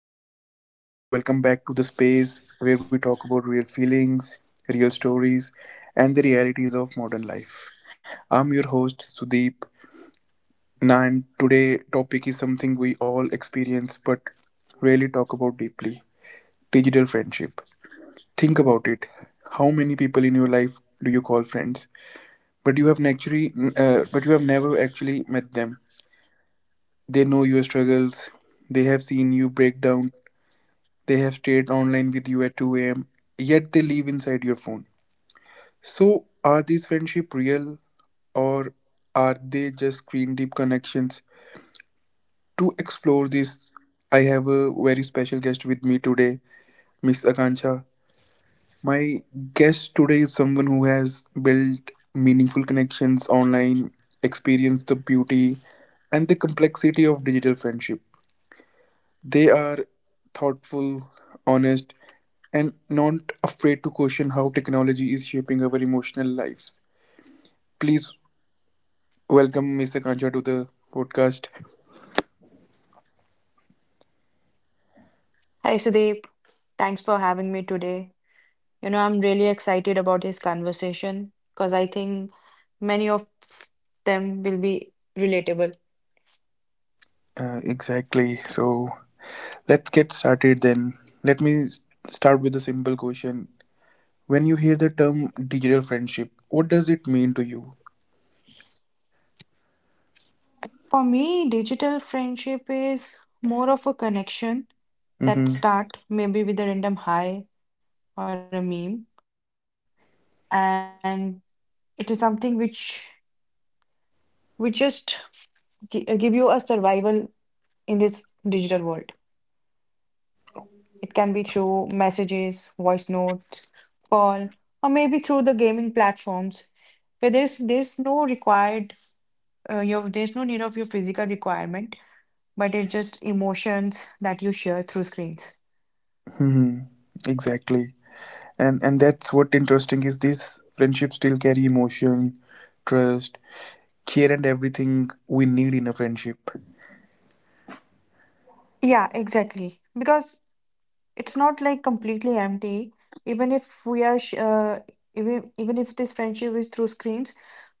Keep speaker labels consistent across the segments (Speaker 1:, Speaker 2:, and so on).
Speaker 1: everyone, and welcome back to the space where we talk about real feelings, real stories, and the realities of modern life. I'm your host, Sudeep, and today topic is something we all experience but rarely talk about deeply digital friendship. Think about it. How many people in your life do you call friends, but you have never actually met them? They know your struggles. They have seen you break down they have stayed online with you at 2 a.m., yet they live inside your phone. So, are these friendships real or are they just screen deep connections? To explore this, I have a very special guest with me today, Miss Akanksha. My guest today is someone who has built meaningful connections online, experienced the beauty and the complexity of digital friendship. They are thoughtful, honest, and not afraid to question how technology is shaping our emotional lives. Please welcome Mr. Kancha to the podcast.
Speaker 2: Hi Sudeep, thanks for having me today. You know, I'm really excited about this conversation because I think many of them will be relatable.
Speaker 1: Exactly. So let's get started then. Let me s- Start with a simple question. When you hear the term digital friendship, what does it mean to you?
Speaker 2: For me, digital friendship is more of a connection
Speaker 1: Mm-hmm.
Speaker 2: that start maybe with a random hi or a meme, and it is something which we just give you a survival in this digital world. It can be through messages, voice notes, call, or maybe through the gaming platforms where there's no need of your physical requirement, but it's just emotions that you share through screens.
Speaker 1: Hmm. Exactly. And that's what interesting is this friendship still carry emotion, trust, care and everything we need in a friendship.
Speaker 2: Yeah, exactly. Because it's not like completely empty. Even if we are sh- uh, even if this friendship is through screens,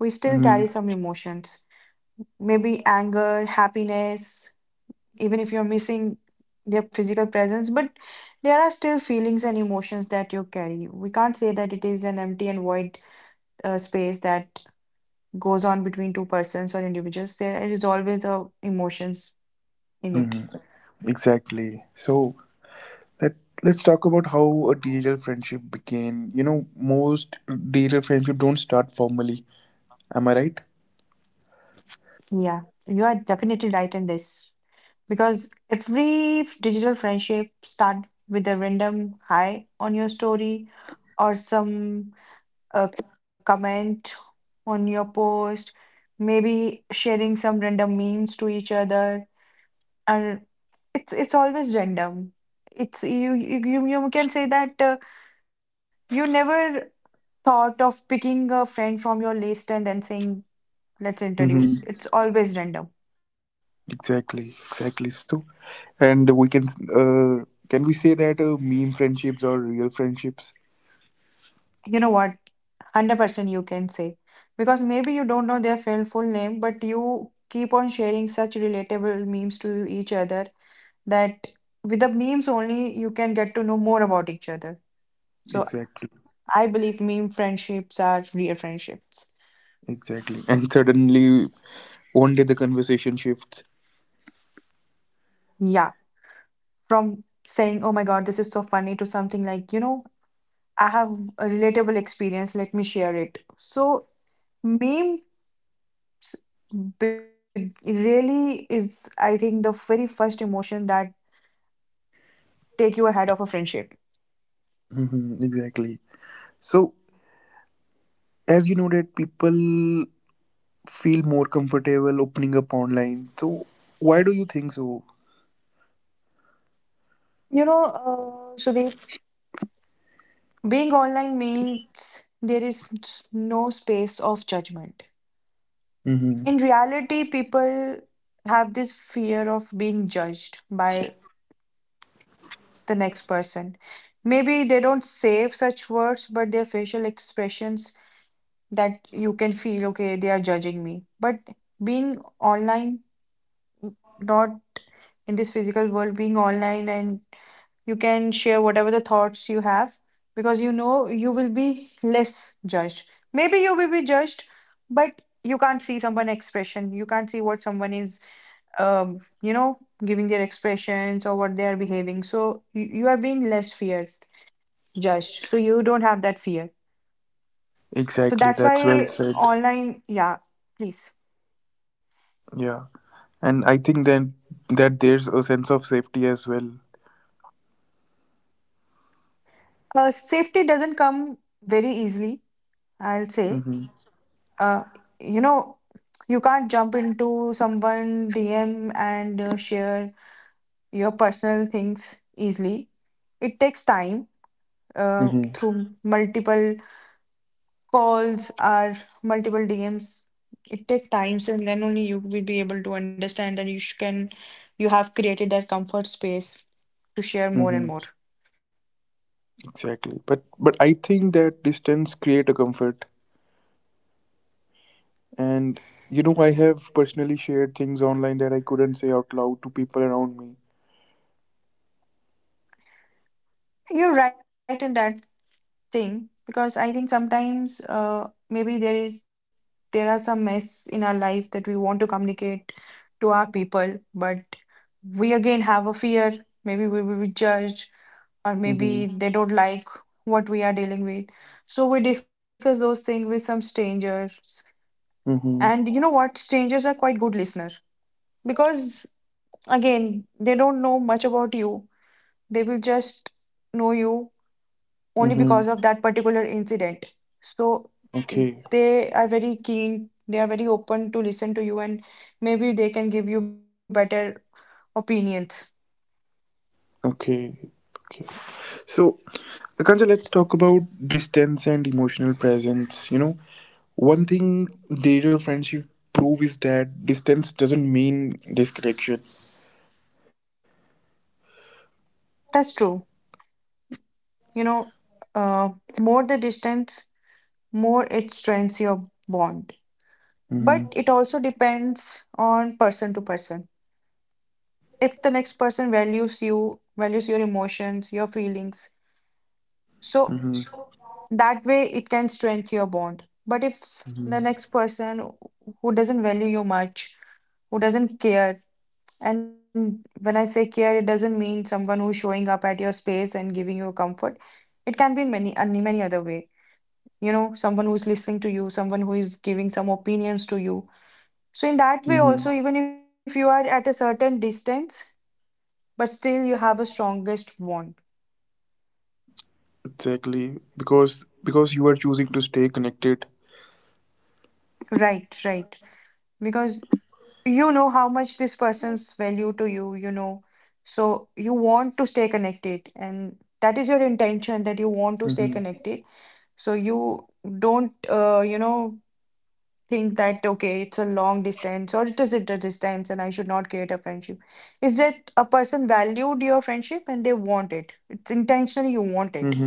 Speaker 2: we still
Speaker 1: Hmm.
Speaker 2: carry some emotions. Maybe anger, happiness, even if you're missing their physical presence, but there are still feelings and emotions that you carry. We can't say that it is an empty and void space that goes on between two persons or individuals. There is always emotions in
Speaker 1: Hmm.
Speaker 2: it.
Speaker 1: Exactly. So let let's talk about how a digital friendship began. You know, most digital friendship don't start formally. Am I right?
Speaker 2: Yeah, you are definitely right in this, because every digital friendship start with a random hi on your story or some comment on your post, maybe sharing some random memes to each other, and it's always random. It's you can say that you never thought of picking a friend from your list and then saying, let's introduce.
Speaker 1: Mm-hmm.
Speaker 2: It's always random.
Speaker 1: Exactly. Exactly. So, and we uh, can we say that meme friendships are real friendships?
Speaker 2: You know what? 100% you can say, because maybe you don't know their full name, but you keep on sharing such relatable memes to each other, that with the memes only you can get to know more about each other. So
Speaker 1: Exactly.
Speaker 2: I believe meme friendships are real friendships.
Speaker 1: Exactly. And suddenly, one day the conversation shifts.
Speaker 2: Yeah, from saying, "Oh my God, this is so funny," to something like, I have a relatable experience, let me share it. So, memes big, really is, I think, the very first emotion that take you ahead of a friendship.
Speaker 1: Mm-hmm. Exactly. So, as you know that people feel more comfortable opening up online. So why do you think so?
Speaker 2: You know, Sudeep, being online means there is no space of judgment.
Speaker 1: Hmm.
Speaker 2: In reality, people have this fear of being judged by the next person. Maybe they don't say such words, but their facial expressions that you can feel, okay, they are judging me. But being online, not in this physical world, being online, and you can share whatever the thoughts you have, because you know you will be less judged. Maybe you will be judged, but you can't see someone's expression. You can't see what someone is, um, you know, giving their expressions or what they are behaving. So you are being less feared, judged. So you don't have that fear. So
Speaker 1: Exactly,
Speaker 2: that's
Speaker 1: that's well
Speaker 2: why
Speaker 1: said.
Speaker 2: online, yeah, please.
Speaker 1: Yeah, and I think then that there's a sense of safety as well.
Speaker 2: Safety doesn't come very easily, I'll say.
Speaker 1: Hmm.
Speaker 2: Uh, you know, you can't jump into someone DM and share your personal things easily. It takes time,
Speaker 1: Hmm.
Speaker 2: through multiple calls or multiple DMs. It takes time, and then only you will be able to understand that you have created that comfort space to share more and
Speaker 1: Hmm.
Speaker 2: more.
Speaker 1: Exactly, but I think that distance create a comfort, and you know I have personally shared things online that I couldn't say out loud to people around me.
Speaker 2: You're right in that thing, because I think sometimes maybe there are some mess in our life that we want to communicate to our people, but we again have a fear. Maybe we will be judged, or maybe
Speaker 1: Hmm.
Speaker 2: they don't like what we are dealing with. So we discuss those things with some strangers, and
Speaker 1: Hmm.
Speaker 2: you know what? Strangers are quite good listeners, because again they don't know much about you. They will just know you only
Speaker 1: Hmm.
Speaker 2: because of that particular incident. So
Speaker 1: Okay,
Speaker 2: they are very keen, they are very open to listen to you, and maybe they can give you better opinions.
Speaker 1: okay, okay. So Kancha, let's talk about distance and emotional presence. You know, one thing digital friendship prove is that distance doesn't mean disconnection.
Speaker 2: That's true. You know, uh, more the distance, more it strengthens your bond.
Speaker 1: Mm-hmm.
Speaker 2: But it also depends on person to person. If the next person values you, values your emotions, your feelings,
Speaker 1: Mm-hmm.
Speaker 2: so that way it can strengthen your bond. But if
Speaker 1: Mm-hmm.
Speaker 2: the next person who doesn't value you much, who doesn't care, and when I say care, it doesn't mean someone who's showing up at your space and giving you comfort. It can be in many other way. You know, someone who's listening to you, someone who is giving some opinions to you.
Speaker 1: Mm-hmm.
Speaker 2: So in that way also, even if you are at a certain distance, but still you have a strongest bond.
Speaker 1: Exactly, because you are choosing to stay connected.
Speaker 2: Right, right, because you know how much this person's value to you. You know So you want to stay connected, and that is your
Speaker 1: Mm-hmm.
Speaker 2: intention, that you want to stay connected. So you don't think that, okay, it's a long distance, or it is at a distance and I should not create a friendship. Is that a person valued your friendship and they want it. It's intentionally you want
Speaker 1: Mm-hmm.
Speaker 2: it.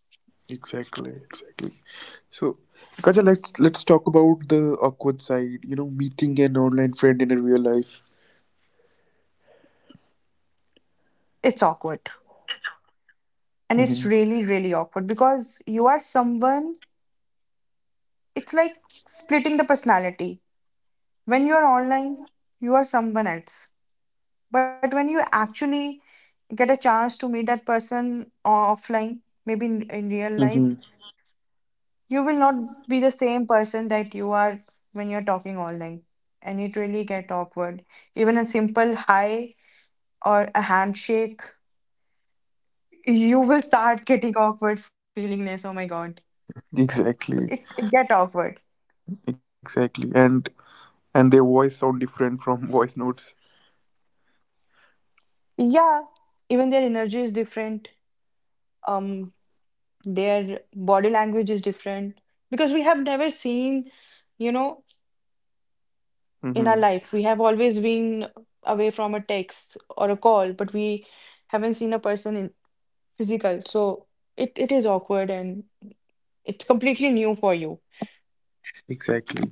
Speaker 1: Exactly, exactly. So, Kancha, let's talk about the awkward side. You know, meeting an online friend in a real life.
Speaker 2: It's awkward, and
Speaker 1: Mm-hmm.
Speaker 2: it's really really awkward, because you are someone, it's like splitting the personality. When you're online, you are someone else. But when you actually get a chance to meet that person offline, maybe in, real
Speaker 1: Mm-hmm.
Speaker 2: life, you will not be the same person that you are when you're talking online. And it really get awkward. Even a simple hi or a handshake, you will start getting awkward feelingness. Oh my God. So It,
Speaker 1: Exactly,
Speaker 2: it get awkward.
Speaker 1: exactly, and their voice sound different from voice notes.
Speaker 2: Yeah. Even their energy is different. Um, their body language is different, because we have never seen, you know, in our
Speaker 1: Mm-hmm.
Speaker 2: life. We have always been away from a text or a call, but we haven't seen a person in physical. So it is awkward, and it's completely new for you
Speaker 1: Exactly.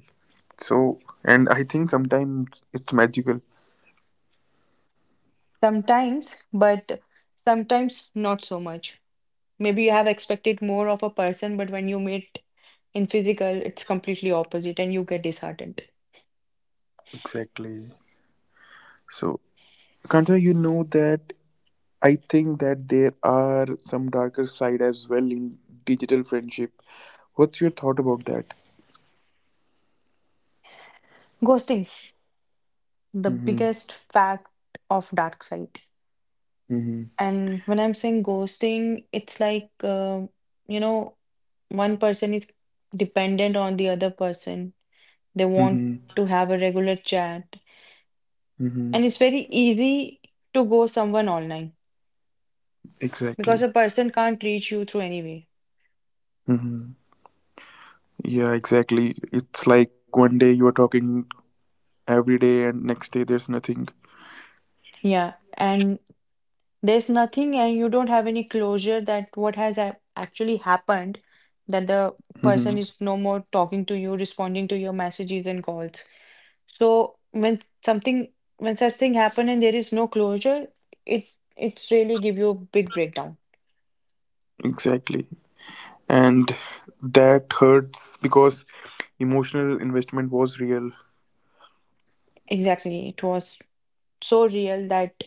Speaker 1: So and I think sometimes it's magical.
Speaker 2: sometimes, but sometimes not so much. Maybe you have expected more of a person, but when you meet in physical, it's completely opposite and you get disheartened.
Speaker 1: Exactly. So Kanta, you know that I think that there are some darker side as well in digital friendship. What's your thought about that?
Speaker 2: Ghosting, the
Speaker 1: Mm-hmm.
Speaker 2: biggest fact of dark side.
Speaker 1: Mm-hmm.
Speaker 2: And when I'm saying ghosting, it's like, you know, one person is dependent on the other person. They want
Speaker 1: Mm-hmm.
Speaker 2: to have a regular chat.
Speaker 1: Mm-hmm.
Speaker 2: And it's very easy to ghost someone online, because
Speaker 1: Exactly.
Speaker 2: a person can't reach you through any way.
Speaker 1: Mm-hmm. Yeah, exactly, it's like one day you are talking every day and next day there's nothing.
Speaker 2: Yeah. And there's nothing, and you don't have any closure that what has actually happened, that the
Speaker 1: Mm-hmm.
Speaker 2: person is no more talking to you, responding to your messages and calls. So when such thing happen and there is no closure, it it's really give you a big breakdown.
Speaker 1: Exactly, and that hurts because emotional investment was real.
Speaker 2: Exactly. It was so real that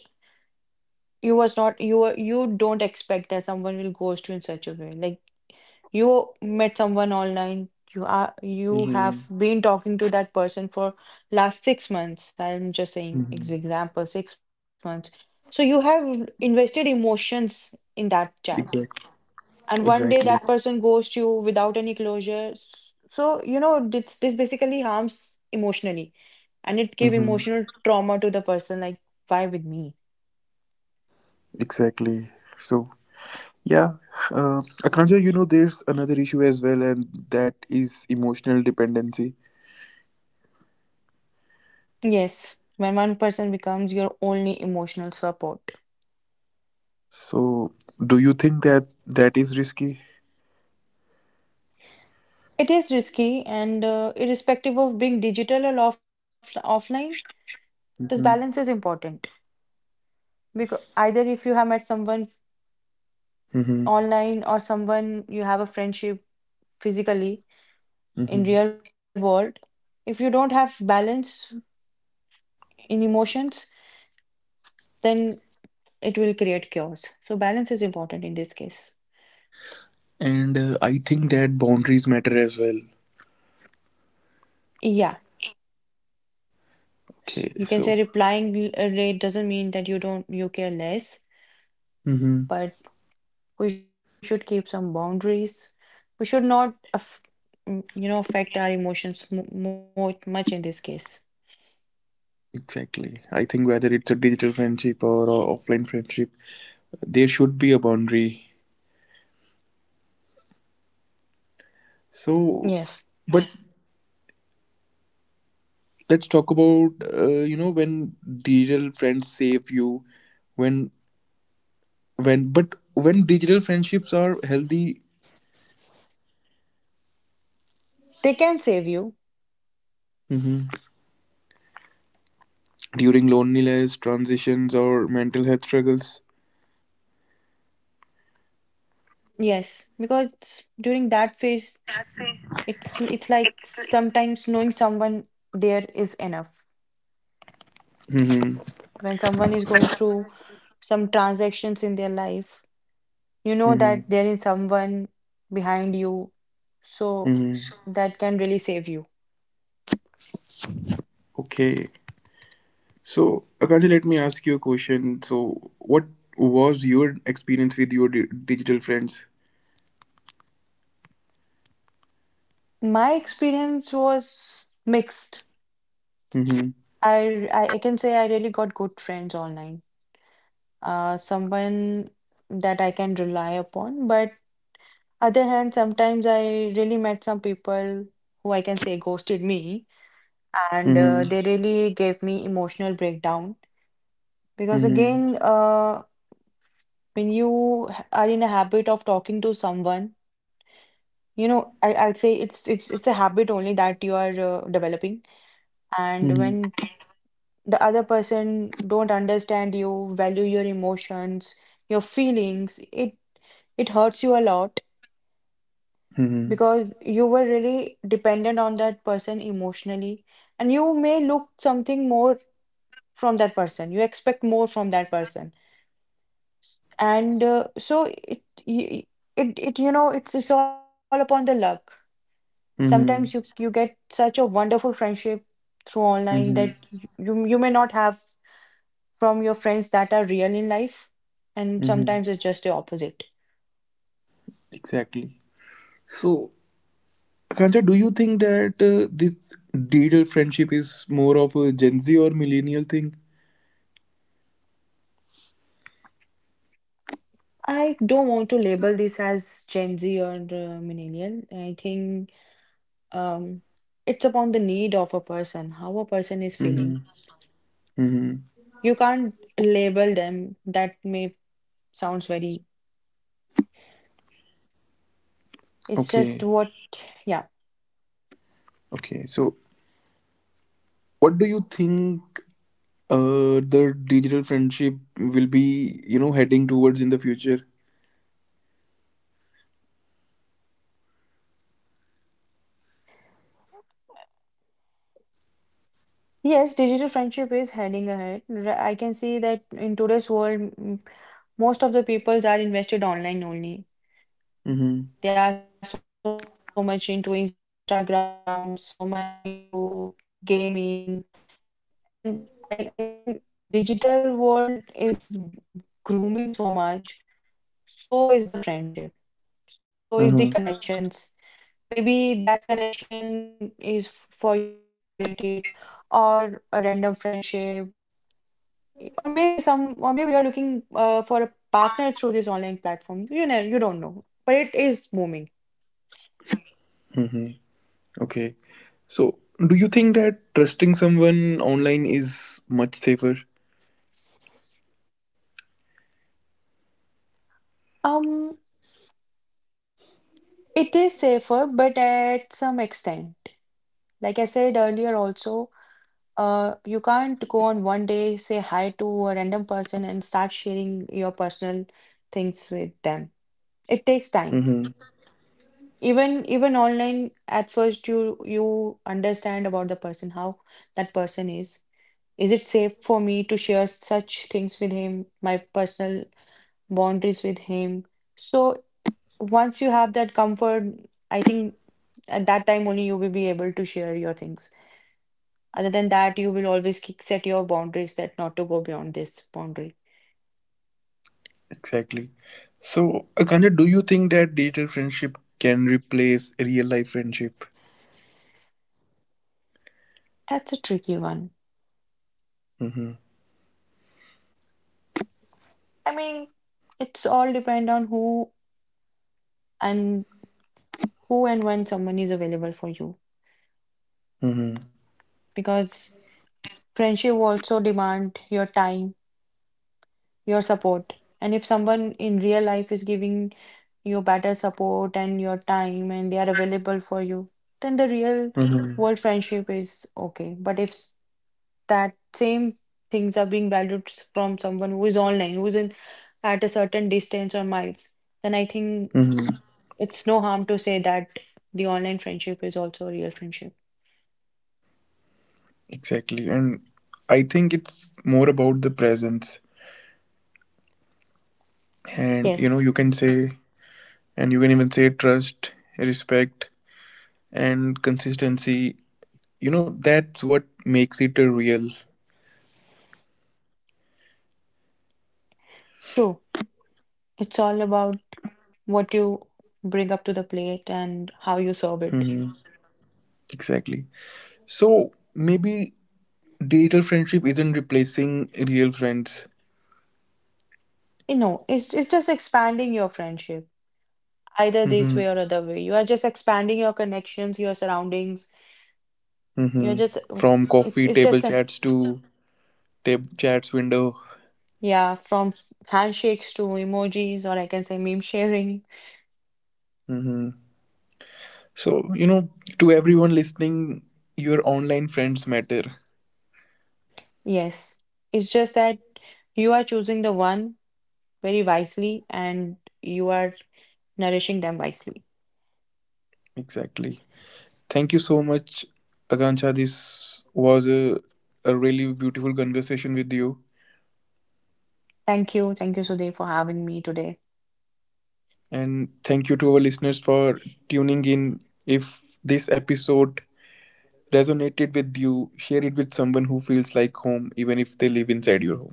Speaker 2: you was not, you were, you don't expect that someone will ghost you in such a way. Like, you met someone online, you
Speaker 1: Mm-hmm.
Speaker 2: have been talking to that person for last 6 months. I'm just saying
Speaker 1: Mm-hmm.
Speaker 2: example, 6 months. So you have invested emotions in that chat,
Speaker 1: Exactly.
Speaker 2: and one day
Speaker 1: Exactly.
Speaker 2: that person ghosts you without any closure. So, this basically harms emotionally, and it give
Speaker 1: Mm-hmm.
Speaker 2: emotional trauma to the person, like, why with me?
Speaker 1: Exactly. So yeah, uh, Akanksha, you know there's another issue as well and that is emotional dependency.
Speaker 2: Yes, when one person becomes your only emotional support.
Speaker 1: So do you think that that is risky?
Speaker 2: It is risky, and irrespective of being digital or offline, this balance is
Speaker 1: Mm-hmm.
Speaker 2: important. Because either if you have met someone
Speaker 1: Mm-hmm.
Speaker 2: online or someone you have a friendship physically in real
Speaker 1: Mm-hmm.
Speaker 2: world, if you don't have balance in emotions, then it will create chaos. So balance is important in this case.
Speaker 1: And I think that boundaries matter as well.
Speaker 2: Yeah,
Speaker 1: Okay,
Speaker 2: you can say
Speaker 1: so
Speaker 2: replying rate doesn't mean that you don't, you care less,
Speaker 1: mm-hmm.
Speaker 2: but we should keep some boundaries. We should not, affect our emotions mo more much in this case.
Speaker 1: Exactly, I think whether it's a digital friendship or a offline friendship there should be a boundary. So
Speaker 2: Yes,
Speaker 1: but let's talk about you know when digital friends save you, when when digital friendships are healthy,
Speaker 2: they can save you.
Speaker 1: mhm, during loneliness transitions or mental health struggles.
Speaker 2: Yes, because during that phase, it's like sometimes knowing someone there is enough.
Speaker 1: Hmm.
Speaker 2: When someone is going through some transactions in their life, you know that
Speaker 1: Hmm.
Speaker 2: there is someone behind you, so
Speaker 1: Hmm.
Speaker 2: that can really save you.
Speaker 1: Okay. So Akansha, let me ask you a question. So what was your experience with your digital friends?
Speaker 2: My experience was mixed.
Speaker 1: Hmm.
Speaker 2: I can say I really got good friends online. Someone that I can rely upon. But other hand, sometimes I really met some people who I can say ghosted me, and
Speaker 1: Hmm.
Speaker 2: they really gave me emotional breakdown, because again,
Speaker 1: Hmm.
Speaker 2: when you are in a habit of talking to someone, I'd say it's a habit only that you are developing. And
Speaker 1: Hmm.
Speaker 2: when the other person don't understand you, value your emotions, your feelings, it hurts you a lot, because you were really dependent on that person emotionally, and you may look something more from that person. You expect more from that person, and so it, y- it it you know it's all upon the luck. Sometimes you
Speaker 1: Hmm.
Speaker 2: get such a wonderful friendship through online that
Speaker 1: Hmm.
Speaker 2: you may not have from your friends that are real in life, and
Speaker 1: Mm-hmm.
Speaker 2: sometimes it's just the opposite.
Speaker 1: Exactly. So, Akansha, do you think that this digital friendship is more of a Gen Z or millennial thing?
Speaker 2: I don't want to label this as gen Z or millennial. I think, um it's upon the need of a person, how a person is
Speaker 1: Mm-hmm.
Speaker 2: feeling.
Speaker 1: Mm-hmm.
Speaker 2: You can't label them, that may sounds very, it's
Speaker 1: Okay.
Speaker 2: just what, yeah.
Speaker 1: Okay. So, what do you think the digital friendship will be, you know, heading towards in the future?
Speaker 2: Yes, digital friendship is heading ahead. I can see that in today's world, most of the people that invested online only.
Speaker 1: Mm-hmm.
Speaker 2: They are so much into Instagram, so much into gaming. And I think digital world is grooming so much. So is the friendship. So is the
Speaker 1: Mm-hmm.
Speaker 2: connections. Maybe that connection is for your work related, or a random friendship, or maybe some or maybe you're looking for a partner through this online platform. You don't know, but it is booming.
Speaker 1: Mm-hmm. Okay. So, do you think that trusting someone online is much safer?
Speaker 2: um It is safer, but at some extent. Like I said earlier, also, you can't go on one day, say hi to a random person and start sharing your personal things with them. It takes time.
Speaker 1: Mm-hmm.
Speaker 2: Even online, at first you understand about the person, how that person is. Is it safe for me to share such things with him, my personal boundaries with him? So once you have that comfort, I think at that time only you will be able to share your things. Other than that, you will always set your boundaries that not to go beyond this boundary.
Speaker 1: Exactly. So, Akanja, do you think that digital friendship can replace real life friendship?
Speaker 2: That's a tricky one.
Speaker 1: Mm-hmm.
Speaker 2: I mean, it's all depend on who, and who and when someone is available for you,
Speaker 1: Mm-hmm.
Speaker 2: because friendship also demand your time, your support. And if someone in real life is giving you better support and your time, and they are available for you, then the real
Speaker 1: Mm-hmm.
Speaker 2: world friendship is okay. But if that same things are being valued from someone who is online, who is in at a certain distance or miles, then I think
Speaker 1: Mm-hmm.
Speaker 2: it's no harm to say that the online friendship is also a real friendship.
Speaker 1: Exactly. And I think it's more about the presence. And, you know,
Speaker 2: Yes,
Speaker 1: you can say, and you can even say trust, respect, and consistency. You know, that's what makes it a real.
Speaker 2: true. It's all about what you bring up to the plate and how you serve it.
Speaker 1: Mm-hmm. Exactly. So, maybe digital friendship isn't replacing real friends.
Speaker 2: You know, it's just expanding your friendship. Either this
Speaker 1: Mm-hmm.
Speaker 2: way or other way, you are just expanding your connections, your surroundings. You're
Speaker 1: Hmm.
Speaker 2: just,
Speaker 1: From
Speaker 2: it's
Speaker 1: coffee
Speaker 2: it's
Speaker 1: table
Speaker 2: just a,
Speaker 1: chats to tab chats window.
Speaker 2: yeah, from handshakes to emojis, or I can say, meme sharing.
Speaker 1: Hmm. So, you know, to everyone listening, your online friends matter.
Speaker 2: Yes, it's just that you are choosing the one very wisely, and you are nourishing them wisely.
Speaker 1: Exactly. Thank you so much, Akanksha. This was a really beautiful conversation with you.
Speaker 2: Thank you, thank you Sudhir, for having me today.
Speaker 1: And thank you to our listeners for tuning in. If this episode resonated with you, share it with someone who feels like home, even if they live inside your home.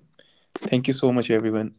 Speaker 1: Thank you so much, everyone.